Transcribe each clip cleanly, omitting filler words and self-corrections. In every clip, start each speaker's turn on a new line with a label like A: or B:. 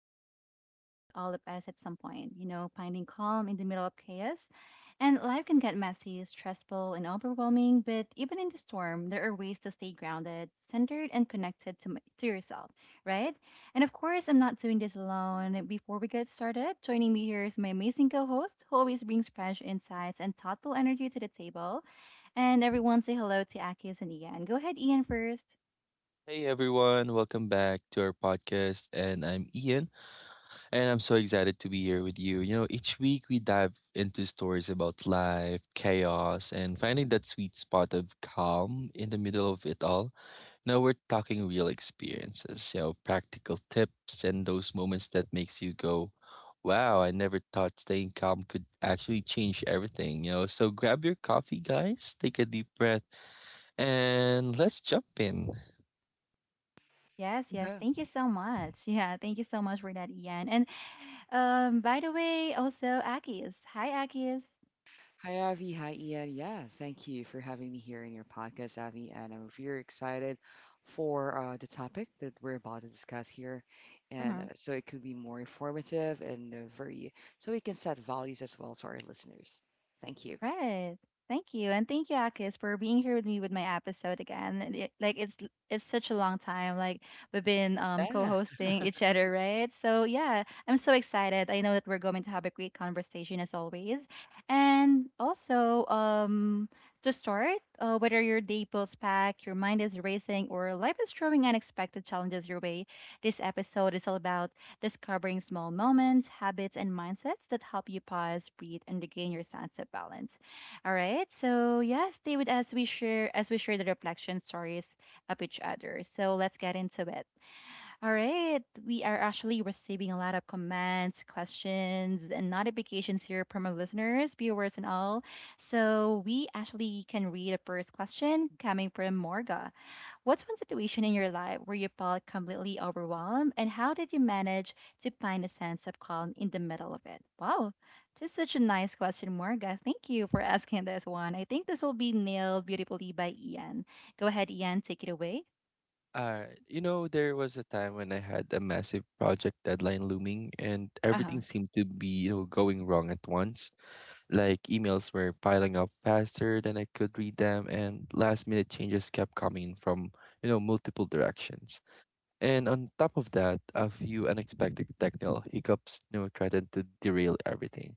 A: a topic that hits all of us at some point, you know, finding calm in the middle of chaos. And life can get messy, stressful, and overwhelming, but even in the storm, there are ways to stay grounded, centered, and connected to, to yourself, right? And of course, I'm not doing this alone. Before we get started, joining me here is my amazing co host, who always brings fresh insights and thoughtful energy to the table. And everyone say hello to Akis and Ian. Go ahead, Ian, first.
B: Hey everyone, welcome back to our podcast. And I'm Ian, and I'm so excited to be here with you. You know, each week we dive into stories about life, chaos, and finding that sweet spot of calm in the middle of it all. Now we're talking real experiences, you know, practical tips and those moments that makes you go, "Wow, I never thought staying calm could actually change everything." You know, so grab your coffee, guys, take a deep breath, and let's jump in.
A: Yes, yes.
C: Huh.
A: Thank you so much. Yeah, thank you so much for that, Ian. And by the way, also Akis. Hi, Akis.
C: Hi, Avi. Hi, Ian. Yeah, thank you for having me here in your podcast, Avi. And I'm very excited for the topic that we're about to discuss here. And
A: Mhm.
C: so it could be more informative and very, so we can set values as well to our listeners. Thank you.
A: Right. Thank you. And thank you, Akis, for being here with me with my episode again. Like it's such a long time. Like we've been
C: Yeah.
A: co-hosting each other, right? So yeah, I'm so excited. I know that we're going to have a great conversation as always. And also, to start, whether your day feels packed, your mind is racing, or life is throwing unexpected challenges your way, this episode is all about discovering small moments, habits, and mindsets that help you pause, breathe, and regain your sense of balance. All right. So yeah, stay with us. We share the reflection stories of each other. So let's get into it. All right. We are actually receiving a lot of comments, questions, and notifications here from our listeners, viewers, and all. So we actually can read the first question coming from Morga. What's one situation in your life where you felt completely overwhelmed, and how did you manage to find a sense of calm in the middle of it? Wow, this is such a nice question, Morga. Thank you for asking this one. I think this will be nailed beautifully by Ian. Go ahead, Ian, take it away.
B: You know, there was a time when I had a massive project deadline looming and
A: Uh huh.
B: everything seemed to be, you know, going wrong at once. Like emails were piling up faster than I could read them and last minute changes kept coming in from, you know, multiple directions. And on top of that, a few unexpected technical hiccups, you know, threatened to derail everything.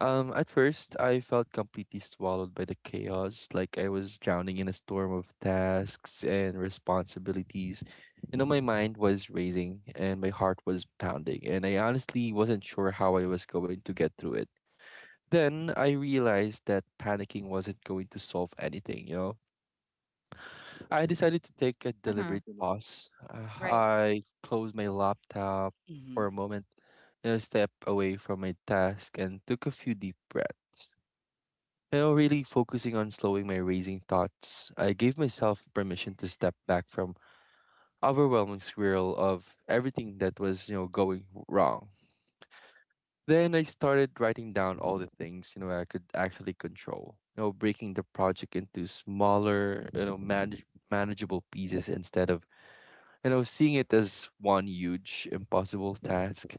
B: At first, I felt completely swallowed by the chaos, like I was drowning in a storm of tasks and responsibilities. You know, my mind was racing and my heart was pounding, and I honestly wasn't sure how I was going to get through it. Then I realized that panicking wasn't going to solve anything, you know? I decided to take a
A: Uh huh.
B: deliberate pause.
A: Right.
B: I closed my laptop
C: Hmm.
B: for a moment, you know, step away from my task, and took a few deep breaths. You know, really focusing on slowing my racing thoughts, I gave myself permission to step back from overwhelming swirl of everything that was, you know, going wrong. Then I started writing down all the things, you know, I could actually control. You know, breaking the project into smaller, you know, manageable pieces instead of, you know, seeing it as one huge impossible task.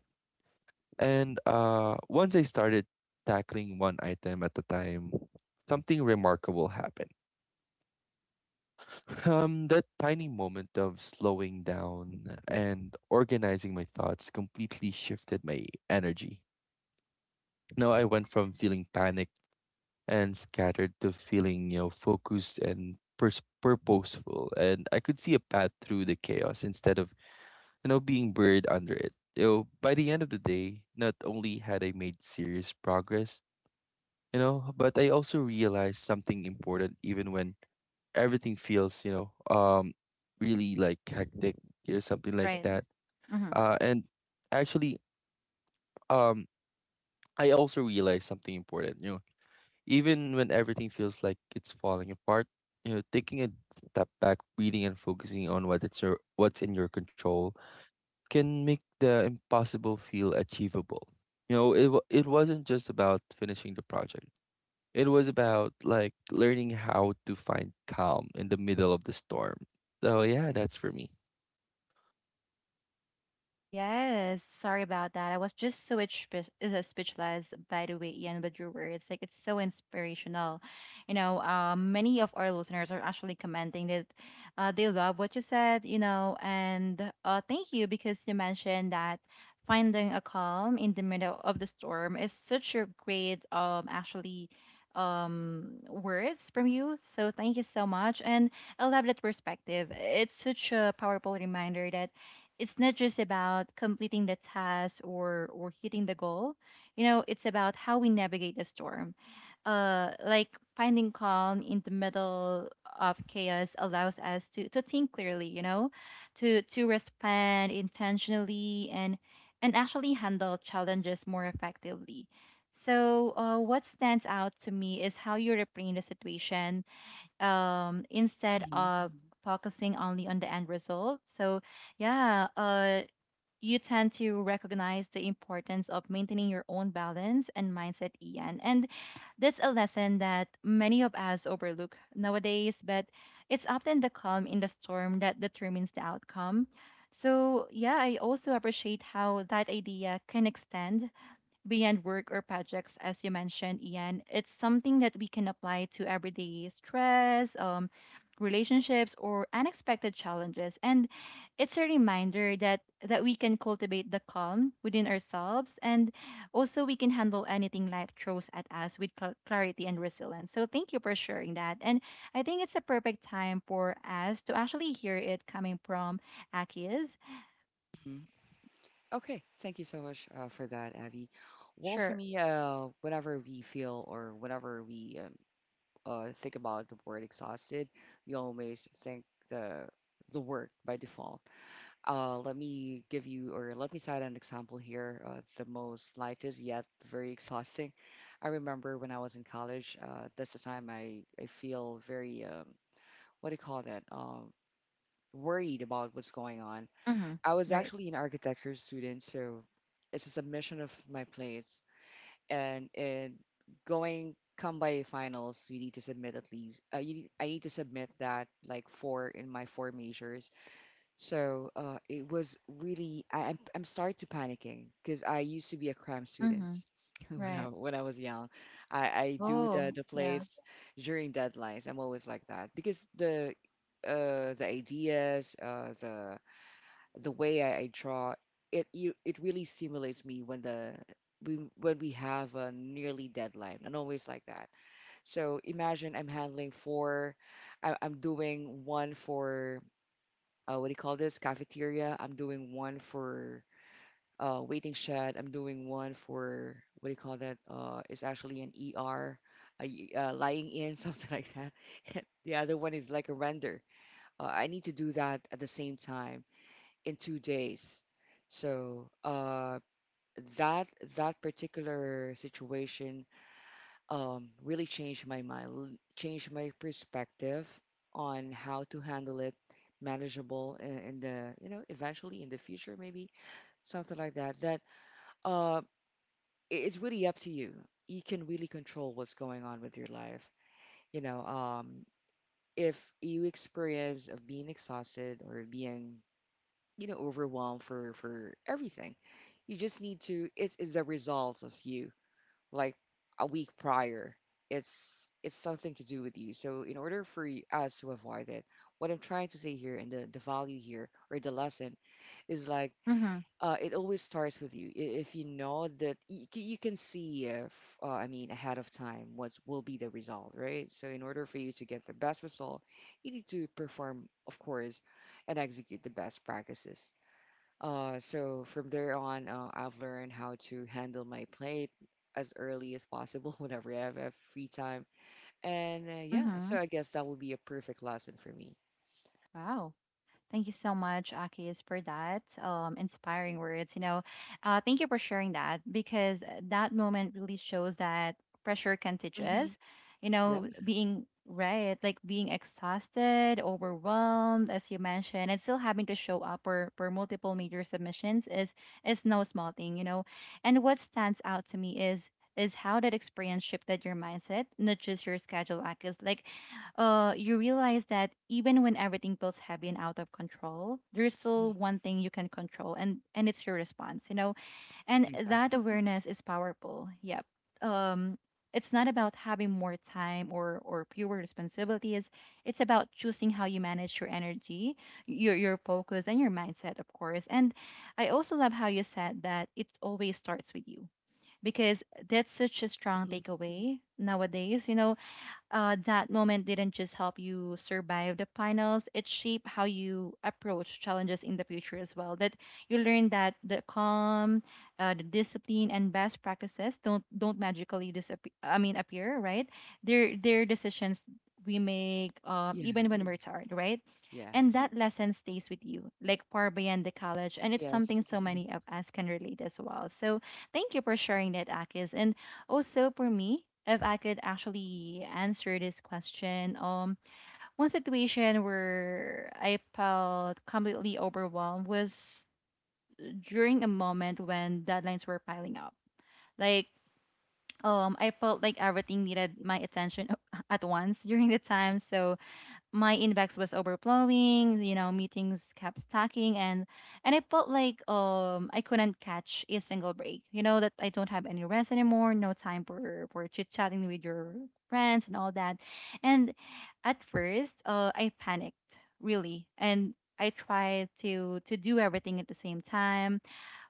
B: And once I started tackling one item at a time, something remarkable happened. That tiny moment of slowing down and organizing my thoughts completely shifted my energy. Now I went from feeling panicked and scattered to feeling, you know, focused and purposeful, and I could see a path through the chaos instead of, you know, being buried under it. You know, by the end of the day, not only had I made serious progress, you know, but I also realized something important even when everything feels, you know, really like hectic or something like
A: Right.
B: that. Uh, and actually, um, I also realized something important. You know, even when everything feels like it's falling apart, you know, taking a step back, reading and focusing on what's in your control can make the impossible feel achievable. You know, it wasn't just about finishing the project. It was about like learning how to find calm in the middle of the storm. So yeah, that's for me.
A: Yes, sorry about that. I was just so speechless, by the way, Ian, with your words. Like, it's so inspirational. You know, many of our listeners are actually commenting that they love what you said, you know, and thank you because you mentioned that finding a calm in the middle of the storm is such a great, words from you. So, thank you so much. And I love that perspective. It's such a powerful reminder that it's not just about completing the task or hitting the goal. You know, it's about how we navigate the storm. Like finding calm in the middle of chaos allows us to think clearly. You know, to respond intentionally and actually handle challenges more effectively. So, what stands out to me is how you reframe the situation instead
C: Hmm.
A: of focusing only on the end result. So, yeah, you tend to recognize the importance of maintaining your own balance and mindset, Ian. And that's a lesson that many of us overlook nowadays, but it's often the calm in the storm that determines the outcome. So, yeah, I also appreciate how that idea can extend beyond work or projects, as you mentioned, Ian. It's something that we can apply to everyday stress, relationships, or unexpected challenges. And it's a reminder that we can cultivate the calm within ourselves, and also we can handle anything life throws at us with clarity and resilience. So thank you for sharing that. And I think it's a perfect time for us to actually hear it coming from Aki's.
C: Hmm. Okay. Thank you so much for that, Avi. Well, for
A: Sure.
C: me, whenever we feel or whenever we think about the word exhausted, we always think the work by default. Let me give you or let me cite an example here. The most lightest yet very exhausting. I remember when I was in college. That's the time I feel very what do you call that? Worried about what's going on.
A: Mm-hmm.
C: I was
A: Right.
C: actually an architecture student, so it's a submission of my plate and in going come by finals we need to submit at least, I need to submit that like four in my four measures. So it was really, I'm starting to panicking because I used to be a cram
A: Mm-hmm.
C: student. when i
A: Right.
C: when i was young, I do the
A: Oh,
C: the
A: yeah.
C: plays during deadlines. I'm always like that because the ideas, the way I draw, it really stimulates me when when we have a nearly deadline. I'm always like that. So imagine I'm handling four. I'm doing one for, what do you call this, cafeteria? I'm doing one for, waiting shed. I'm doing one for, what do you call that? It's actually an ER, lying in something like that. The other one is like a render. I need to do that at the same time in 2 days. So that that particular situation, really changed my mind, changed my perspective on how to handle it, manageable in the, you know, eventually in the future, maybe something like that. That uh, it's really up to you. You can really control what's going on with your life. You know, if you experience of being exhausted or being, you know, overwhelmed for everything, you just need to, it is a result of you, like a week prior. It's something to do with you. So in order for us to avoid it, what I'm trying to say here, and the value here or the lesson, is like,
A: Mm-hmm.
C: it always starts with you. If you know that you can see if, I mean, ahead of time what will be the result, right? So in order for you to get the best result, you need to perform, of course, and execute the best practices. So from there on, I've learned how to handle my plate as early as possible whenever I have free time. And yeah,
A: Mm-hmm.
C: so I guess that would be a perfect lesson for me.
A: Wow. Thank you so much, Akis, for that inspiring words. You know, thank you for sharing that because that moment really shows that pressure can teach
C: Hmm.
A: us, you
C: Yeah,
A: know, being right, like being exhausted, overwhelmed, as you mentioned, and still having to show up for multiple major submissions is no small thing, you know. And what stands out to me is how that experience shifted your mindset, not just your schedule, Akis. Like you realize that even when everything feels heavy and out of control, there's
C: mhm,
A: still one thing you can control, and it's your response, you know. And that
C: exactly.
A: awareness is powerful. Yep. Um, it's not about having more time or fewer responsibilities. It's about choosing how you manage your energy, your focus, and your mindset, of course. And I also love how you said that it always starts with you because that's such a strong
C: Hmm.
A: takeaway nowadays. You know, that moment didn't just help you survive the finals, it shaped how you approach challenges in the future as well. That you learn that the calm, the discipline, and best practices don't magically disappear. I mean, appear right? They're decisions we make,
C: Yeah,
A: even when we're tired, right?
C: yeah,
A: And
C: exactly.
A: that lesson stays with you, like far beyond the college, and it's
C: Yes,
A: something so
C: mhm,
A: many of us can relate as well. So, thank you for sharing that, Akis. And also, for me, if I could actually answer this question, one situation where I felt completely overwhelmed was during a moment when deadlines were piling up. Like, I felt like everything needed my attention at once during the time, so my inbox was overflowing, you know, meetings kept stacking and I felt like I couldn't catch a single break. You know that I don't have any rest anymore, no time for chit-chatting with your friends and all that. And at first, I panicked, really. And I tried to do everything at the same time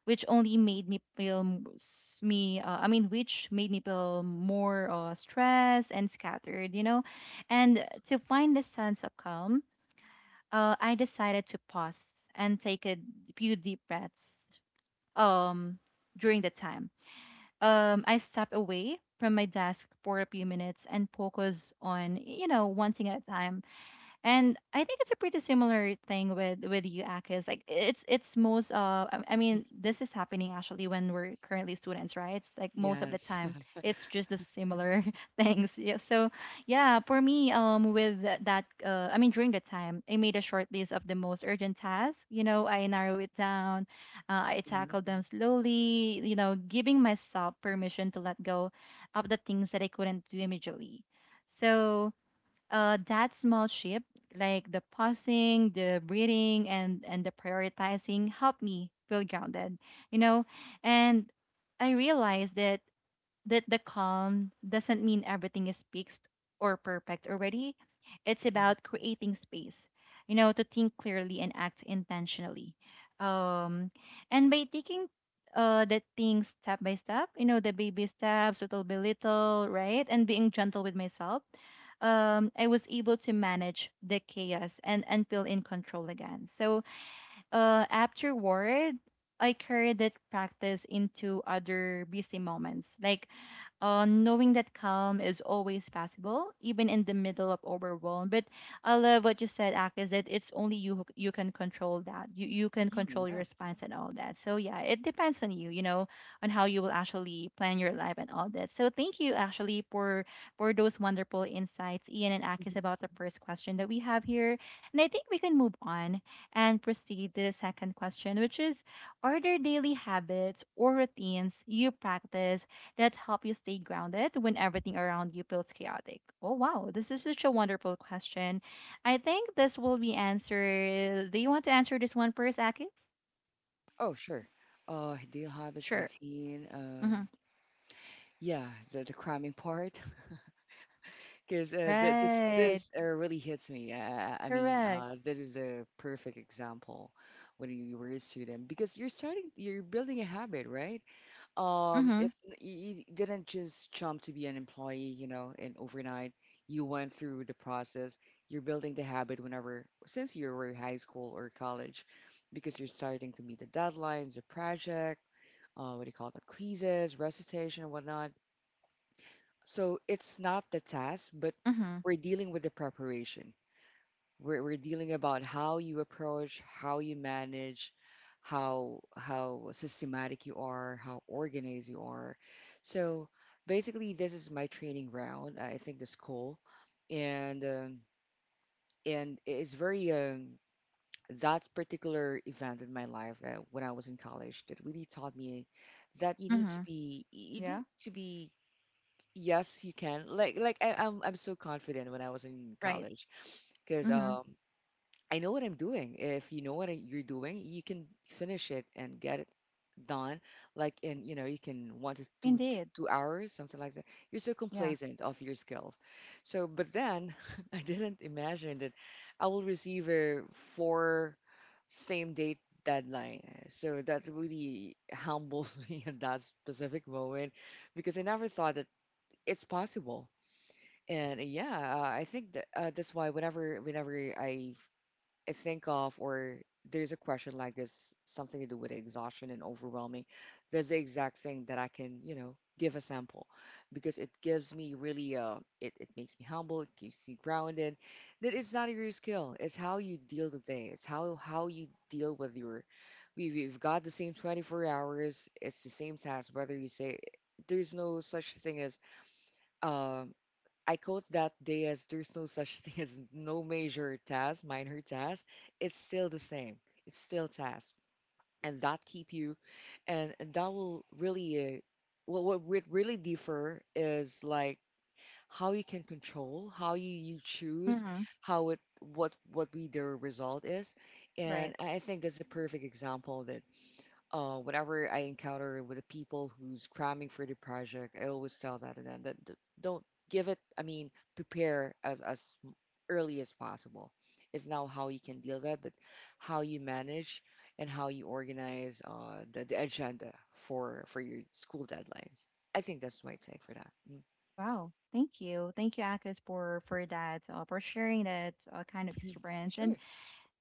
A: which only made me feel m- s- me I mean which made me feel more stressed and scattered, you know, and to find the sense of calm, I decided to pause and take a few deep breaths. Um during the time I stepped away from my desk for a few minutes and focused on, you know, one thing at a time. And I think it's a pretty similar thing with you, Akis. Like it's most this is happening actually when we're currently students, right? It's like most of the
C: yes.
A: time it's just the similar things. Yeah. So yeah, for me with that during the time I made a short list of the most urgent tasks. You know, I narrow it down, I
C: Yeah.
A: tackled them slowly. You know, giving myself permission to let go of the things that I couldn't do immediately. So that small shift, like the pausing, the breathing, and the prioritizing, helped me feel grounded. You know, and I realized that the calm doesn't mean everything is fixed or perfect already. It's
C: Mhm,
A: about creating space, you know, to think clearly and act intentionally. Um, and by taking the things step by step, you know, the baby steps, little by little, right? And being gentle with myself, I was able to manage the chaos and feel in control again. So afterward, I carried that practice into other busy moments, like knowing that calm is always possible, even in the middle of overwhelm. But I love what you said, Ak, is that it's only you you can control that. You can control
C: mhm,
A: your
C: yeah.
A: response and all that. So yeah, it depends on you, you know, on how you will actually plan your life and all that. So thank you actually for those wonderful insights, Ian and Akis,
C: Mhm.
A: about the first question that we have here. And I think we can move on and proceed to the second question, which is, are there daily habits or routines you practice that help you stay grounded when everything around you feels chaotic? Oh, wow. This is such a wonderful question. I think this will be answered. Do you want to answer this one first, Akis?
C: Oh, sure. Daily habits,
A: Sure.
C: routine.
A: Mm-hmm.
C: Yeah, the cramming part. Because uh, th- this
A: Right.
C: this uh, really hits me. I mean,
A: Correct.
C: this is a perfect example when you were a student because you're starting, you're building a habit, right?
A: Mm-hmm.
C: It's you didn't just jump to be an employee, you know, and overnight you went through the process. You're building the habit whenever since you were high school or college, because you're starting to meet the deadlines, the project, what do you call it, quizzes, recitation, and whatnot. So it's not the task, but
A: Mm-hmm.
C: we're dealing with the preparation. We're dealing about how you approach, how you manage, how systematic you are, how organized you are. So basically, this is my training round. I think that's cool, and it's very, that particular event in my life, that when I was in college, that really taught me that you need to
A: Mm-hmm.
C: be you
A: Yeah.
C: need to be Yes, you can. Like I'm so confident when I was in
A: Right.
C: college because
A: Mm-hmm.
C: I know what I'm doing. If you know what you're doing, you can finish it and get it done. Like in, you know, you can one to two
A: Indeed.
C: two hours, something like that. You're so
A: Yeah.
C: complacent of your skills. So but then I didn't imagine that I will receive a four same date deadline. So that really humbles me at that specific moment because I never thought that it's possible. And yeah, I think that that's why whenever I think of, or there's a question like this, something to do with exhaustion and overwhelming, that's the exact thing that I can, you know, give a sample, because it gives me really, it makes me humble, it keeps me grounded. That it's not your skill, it's how you deal the day, it's how you deal with your. We've got the same 24 hours. It's the same task, whether you say there's no such thing as, um I quote that day as, there's no such thing as no major task, minor task. It's still the same. It's still task, and that keep you, and that will really, what would really differ is like how you can control, how you choose,
A: Mm-hmm.
C: how it, what we the result is.
A: Right.
C: And I think that's a perfect example that, whenever I encounter with the people who's cramming for the project, I always tell that to them that don't give it. I mean, prepare as early as possible. It's now how you can deal that, but how you manage and how you organize the agenda for your school deadlines. I think that's my take for that. Mm.
A: Wow. Thank you. Thank you, Akis, for that, for sharing that kind of
C: Mhm.
A: experience. And
C: Sure.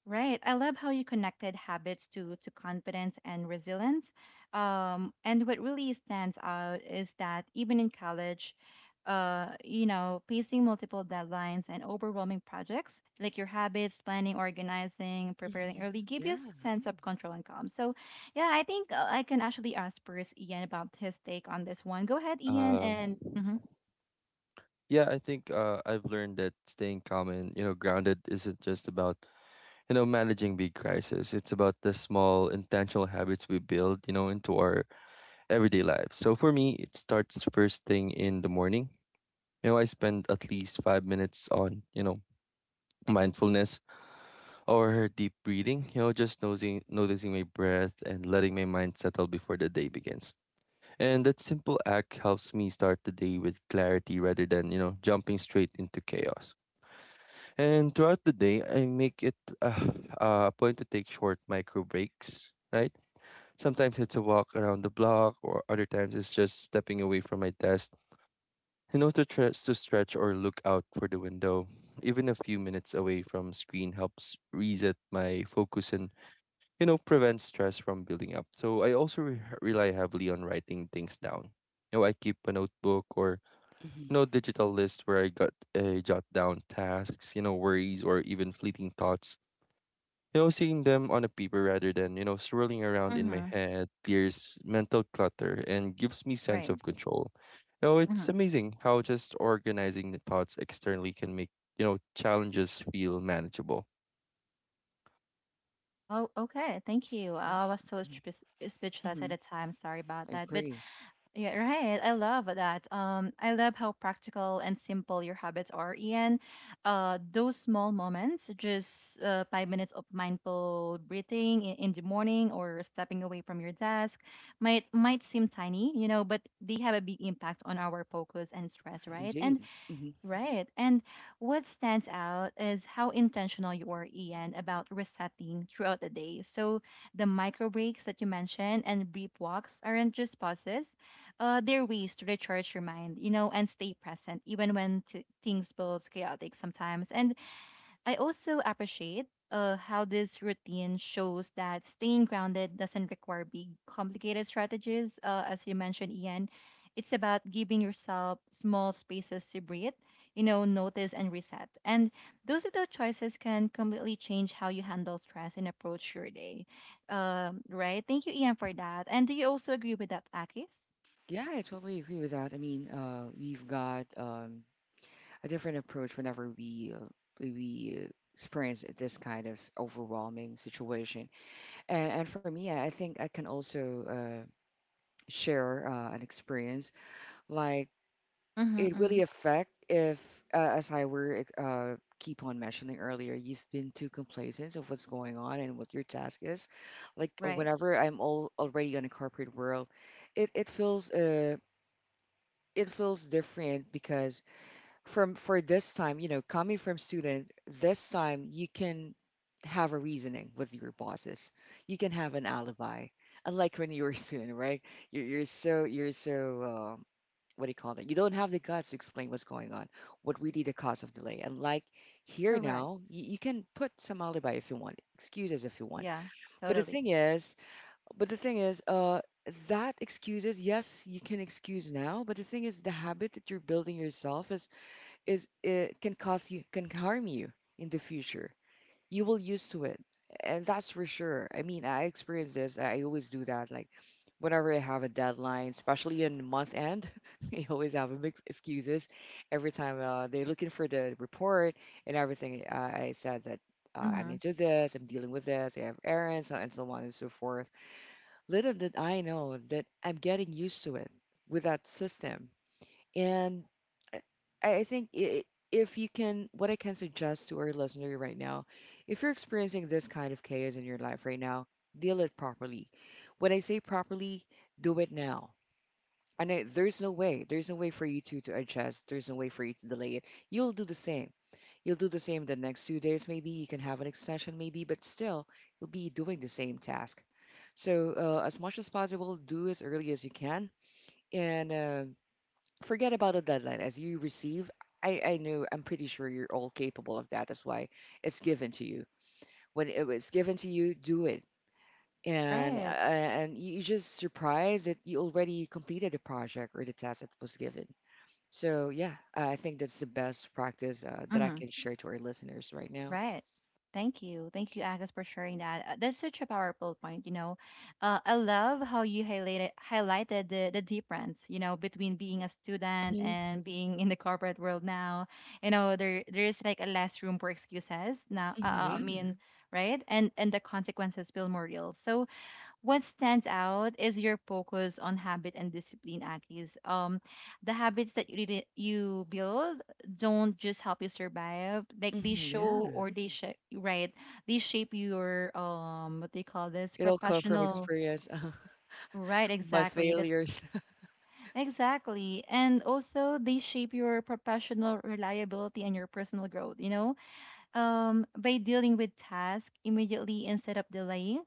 A: right. I love how you connected habits to confidence and resilience. And what really stands out is that even in college, you know, facing multiple deadlines and overwhelming projects, like your habits, planning, organizing, preparing
C: Mhm.
A: early, give you a
C: Yeah,
A: sense of control and calm. So, yeah, I think I can actually ask first Ian about his take on this one. Go ahead, Ian,
B: Uh,
A: and mm-hmm,
B: yeah, I think I've learned that staying calm and you know grounded isn't just about you know managing big crises. It's about the small intentional habits we build you know into our everyday lives. So for me, it starts first thing in the morning. You know, I spend at least 5 minutes on you know mindfulness or deep breathing. You know, just noticing my breath and letting my mind settle before the day begins. And that simple act helps me start the day with clarity rather than, you know, jumping straight into chaos. And throughout the day, I make it a, a point to take short micro breaks, right? Sometimes it's a walk around the block, or other times it's just stepping away from my desk, you know, to, to stretch or look out for the window. Even a few minutes away from screen helps reset my focus and you know, prevents stress from building up. So I also rely heavily on writing things down. You know, I keep a notebook or, you
C: hmm
B: know, digital list where I got jot down tasks, you know, worries or even fleeting thoughts. You know, seeing them on a paper rather than, you know, swirling around in my
A: mm-hmm,
B: head clears mental clutter and gives me sense
A: right.
B: of control. You know, it's
A: Mhm.
B: amazing how just organizing the thoughts externally can make, you know, challenges feel manageable.
A: Oh, okay. Thank you. Oh,
C: thank
A: I was
C: you.
A: so
C: Mhm.
A: speechless at
C: Mm-hmm.
A: the time. Sorry about
C: I
A: that. But
C: agree,
A: yeah, right. I love that. I love how practical and simple your habits are, Ian. Those small moments, just 5 minutes of mindful breathing in the morning or stepping away from your desk, might seem tiny, you know, but they have a big impact on our focus and stress, right?
C: indeed.
A: And what stands out is how intentional you are, Ian, about resetting throughout the day. So the micro breaks that you mentioned and brief walks aren't just pauses. They're ways to recharge your mind, you know, and stay present, even when things feels chaotic sometimes. And I also appreciate how this routine shows that staying grounded doesn't require big, complicated strategies. As you mentioned, Ian, it's about giving yourself small spaces to breathe, you know, notice and reset. And those little choices can completely change how you handle stress and approach your day. Right? Thank you, Ian, for that. And do you also agree with that, Akis?
C: Yeah, I totally agree with that. I mean, we've got, a different approach whenever we, experience this kind of overwhelming situation. And for me, I think I can also share an experience. Like
A: Mm-hmm.
C: it
A: hmm
C: really affect if, as I were, keep on mentioning earlier, you've been too complacent of what's going on and what your task is. Like,
A: Right.
C: whenever I'm all already in a corporate world, it it feels uh it feels different because from for this time, you know, coming from student, this time you can have a reasoning with your bosses. You can have an alibi. Unlike when you were a student, right? You're so, what do you call that? You don't have the guts to explain what's going on, what really the cause of delay. And like here
A: Correct.
C: now, you can put some alibi if you want, excuses if you want.
A: Yeah,
C: But the
A: totally.
C: thing is, but the thing is, that excuses, yes, you can excuse now. But the thing is, the habit that you're building yourself is, can cause, you can harm you in the future. You will used to it, and that's for sure. I mean, I experience this. I always do that. Like whenever I have a deadline, especially in month end, I always have a mix excuses. Every time they're looking for the report and everything, I said that. I'm
A: Mm-hmm.
C: into this, I'm dealing with this, I have errands, and so on and so forth. Little did I know that I'm getting used to it with that system. And I I think i- if you can, what I can suggest to our listener right now, if you're experiencing this kind of chaos in your life right now, deal it properly. When I say properly, do it now. And there's no way for you to adjust. There's no way for you to delay it. You'll do the same. You'll do the same the next 2 days, maybe. You can have an extension, maybe, but still, you'll be doing the same task. So, as much as possible, do as early as you can. And forget about a deadline as you receive. I know I'm pretty sure you're all capable of that. That's why it's given to you. When it was given to you, do it. And
A: Right.
C: you just surprised that you already completed the project or the task that was given. So yeah, I think that's the best practice, that I
A: Mm-hmm.
C: can share to our listeners right now.
A: Right. Thank you. Thank you, Agus, for sharing that. That's such a powerful point, you know. I love how you highlighted the difference, you know, between being a student
C: Hmm.
A: and being in the corporate world now. You know, there is like a less room for excuses now. I
C: Yeah.
A: mean, right? And the consequences feel more real. So what stands out is your focus on habit and discipline, Akis. The habits that you build don't just help you survive, like they
C: Hmm.
A: show,
C: Yeah,
A: or they shape, right? They shape your, um, what they call this,
C: it'll come from
A: professional,
C: experience.
A: right?
C: My
A: Exactly. That's
C: failures.
A: exactly, and also they shape your professional reliability and your personal growth, you know. By dealing with tasks immediately instead of delaying,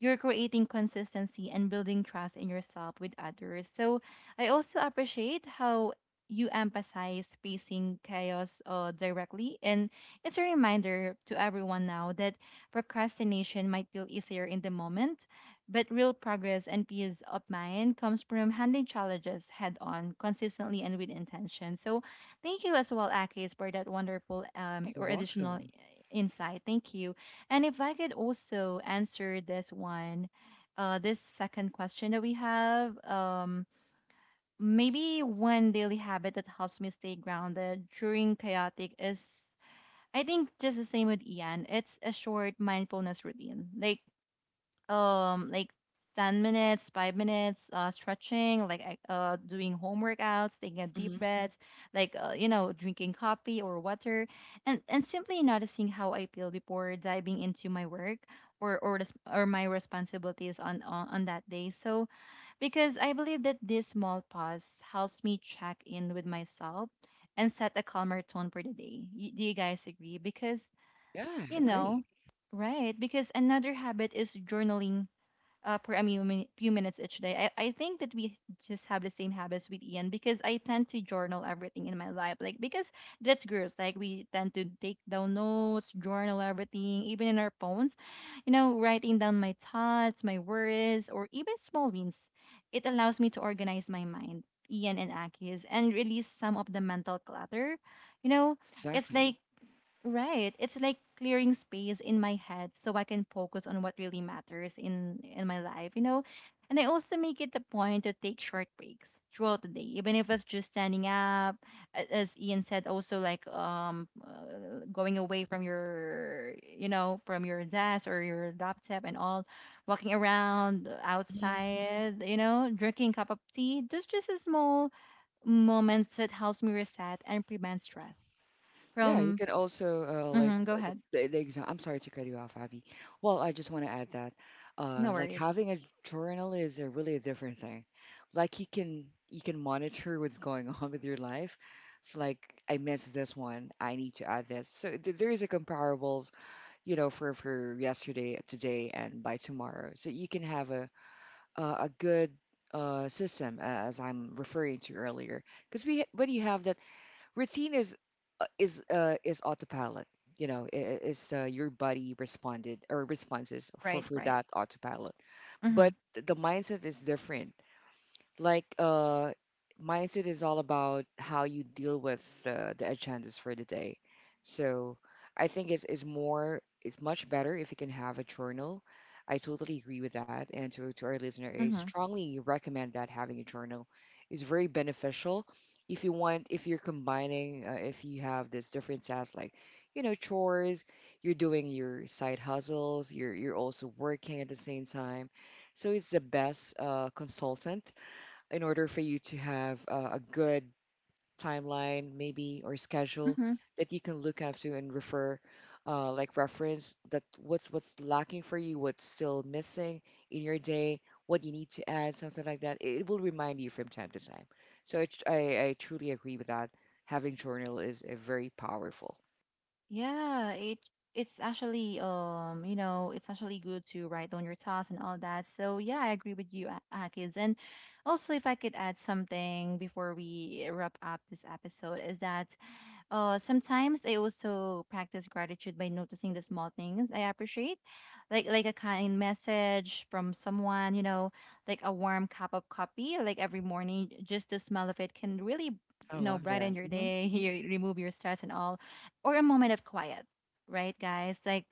A: you're creating consistency and building trust in yourself with others. So I also appreciate how you emphasize facing chaos directly. And it's a reminder to everyone now that procrastination might feel easier in the moment, but real progress and peace of mind comes from handling challenges head on, consistently and with intention. So thank you as well, Akis, for that wonderful
C: You're
A: or additional
C: welcome.
A: insight. Thank you. And if I could also answer this one, this second question that we have, maybe one daily habit that helps me stay grounded during chaotic is, I think, just the same with Ian. It's a short mindfulness routine. Like 10 minutes, 5 minutes, stretching, like doing home workouts, taking a deep
C: Hmm.
A: breaths, like, you know, drinking coffee or water, and simply noticing how I feel before diving into my work or my responsibilities on that day. So because I believe that this small pause helps me check in with myself and set a calmer tone for the day. Do you guys agree? Because
C: Yeah, I
A: you, yeah,
C: agree.
A: know, right? Because another habit is journaling, per a few minutes each day. I think that we just have the same habits with Ian, because I tend to journal everything in my life. Like, because that's girls, like, we tend to take down notes, journal everything, even in our phones, you know, writing down my thoughts, my worries, or even small wins. It allows me to organize my mind, Ian and Aki's, and release some of the mental clutter. You know, it's
C: Exactly.
A: like, right. It's like clearing space in my head so I can focus on what really matters in my life, you know. And I also make it a point to take short breaks throughout the day, even if it's just standing up, as Ian said, also like going away from your, you know, from your desk or your laptop and all, walking around outside, you know, drinking a cup of tea. Those just a small moments that helps me reset and prevent stress
C: Yeah, you
A: from.
C: can also,
A: Mhm, go
C: the,
A: ahead.
C: the, the exam. I'm sorry to cut you off, Abby. Well, I just want to add that,
A: No
C: like
A: worries.
C: having a journal is a really a different thing. Like you can monitor what's going on with your life. It's like, I missed this one. I need to add this. So th there is a comparables, you know, for yesterday, today, and by tomorrow. So you can have a good, system, as I'm referring to earlier, because when you have that routine is, is autopilot. You know, I- is your body responded or responses for
A: Right,
C: for
A: right.
C: that autopilot. But
A: Mhm.
C: the mindset is different, like uh mindset is all about how you deal with, the agendas for the day. So I think it's much better if you can have a journal. I totally agree with that. And to our listener, I
A: Mhm.
C: strongly recommend that having a journal is very beneficial if you want, if you're combining, if you have this different tasks, like, you know, chores, you're doing your side hustles, you're also working at the same time. So it's the best, consultant in order for you to have, a good timeline maybe, or schedule
A: Mhm.
C: that you can look up to and refer, like reference, that what's lacking for you, what's still missing in your day, what you need to add, something like that. It will remind you from time to time. So I truly agree with that. Having journal is a very powerful.
A: Yeah, it's actually, um, you know, it's actually good to write down your thoughts and all that. So yeah, I agree with you, Akis. And also, if I could add something before we wrap up this episode, is that sometimes I also practice gratitude by noticing the small things I appreciate, like a kind message from someone, you know, like a warm cup of coffee, like every morning. Just the smell of it can really,
C: I
A: you know,
C: love that.
A: brighten your
C: Hmm.
A: day, you remove your stress and all, or a moment of quiet, right, guys? Like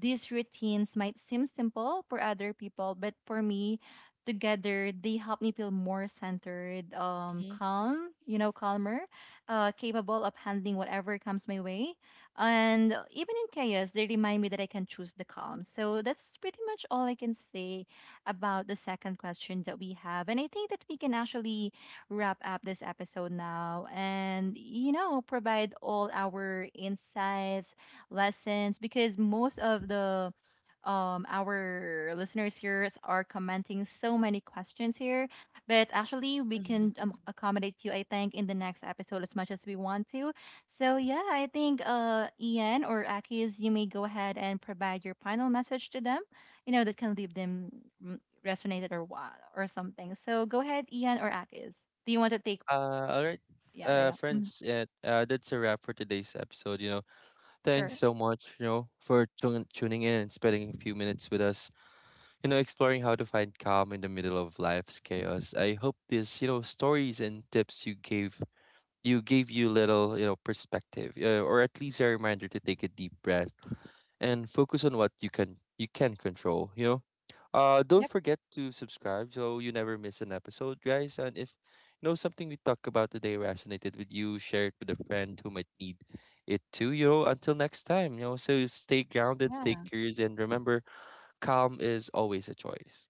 A: these routines might seem simple for other people, but for me, together they help me feel more centered,
C: Hmm.
A: calm, you know, calmer, capable of handling whatever comes my way. And even in chaos, they remind me that I can choose the calm. So that's pretty much all I can say about the second question that we have. And I think that we can actually wrap up this episode now and, you know, provide all our insights, lessons, because most of the, our listeners here are commenting so many questions here, but actually, we
C: Hmm.
A: can, accommodate you, I think, in the next episode as much as we want to. So, yeah, I think, Ian or Akis, you may go ahead and provide your final message to them, you know, that can leave them, mm, resonated or what or something. So, go ahead, Ian or Akis. Do you want to take?
B: All right,
A: Yeah, yeah, yeah. Mm,
B: friends. Yeah, that's a wrap for today's episode. You know, thanks
A: sure.
B: so much. You know, for tuning in and spending a few minutes with us. You know, exploring how to find calm in the middle of life's chaos. I hope this, you know, stories and tips you gave you little, you know, perspective, or at least a reminder to take a deep breath and focus on what you can control. You know don't
A: Yep.
B: forget to subscribe so you never miss an episode, guys. And if you know something we talked about today resonated with you, share it with a friend who might need it too. You know, until next time, you know, so stay grounded, stay
A: Yeah.
B: curious, and remember, calm is always a choice.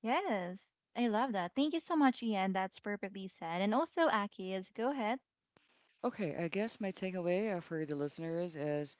A: Yes. I love that. Thank you so much, Ian. That's perfectly said. And also, Akis, go ahead.
C: Okay, I guess my takeaway, for the listeners, is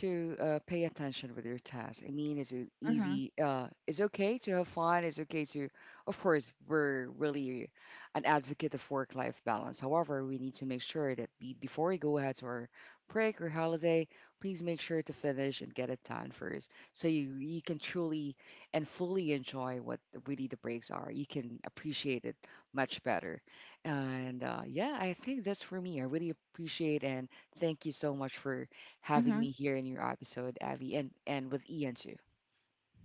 C: to, pay attention with your task. I mean, is it
A: Mm-hmm.
C: easy? It's okay to have fun. It's okay to, of course, we're really an advocate of work-life balance. However, we need to make sure that before we go ahead to our break or holiday, please make sure to finish and get it done first, so you can truly and fully enjoy what really the breaks are. You can appreciate it much better. And yeah, I think that's for me. I really appreciate and thank you so much for having
A: Mm-hmm.
C: me here in your episode, Abby, and with Ian too.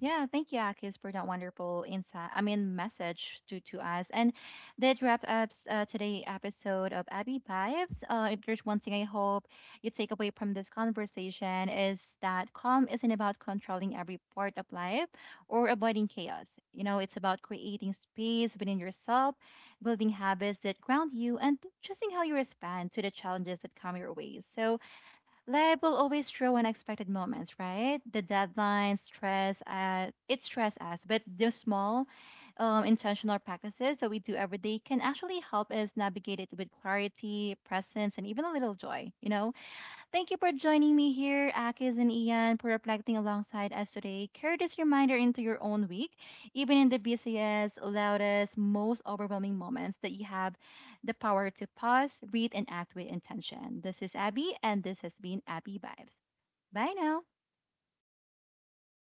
A: Yeah, thank you, Akis, for that wonderful insight. I mean, message to us. And that wraps up today's episode of Abby Vibes. If there's one thing I hope you take away from this conversation is that calm isn't about controlling every part of life or avoiding chaos. You know, it's about creating space within yourself, building habits that ground you, and choosing how you respond to the challenges that come your way. So, life will always throw unexpected moments, right? The deadline, stress, it stress us, but the small, intentional practices that we do every day can actually help us navigate it with clarity, presence, and even a little joy. You know, thank you for joining me here, Akis and Ian, for reflecting alongside us today. Carry this reminder into your own week, even in the busiest, loudest, most overwhelming moments, that you have the power to pause, breathe, and act with intention. This is Abby, and this has been Abby Vibes. Bye now.
C: Hi.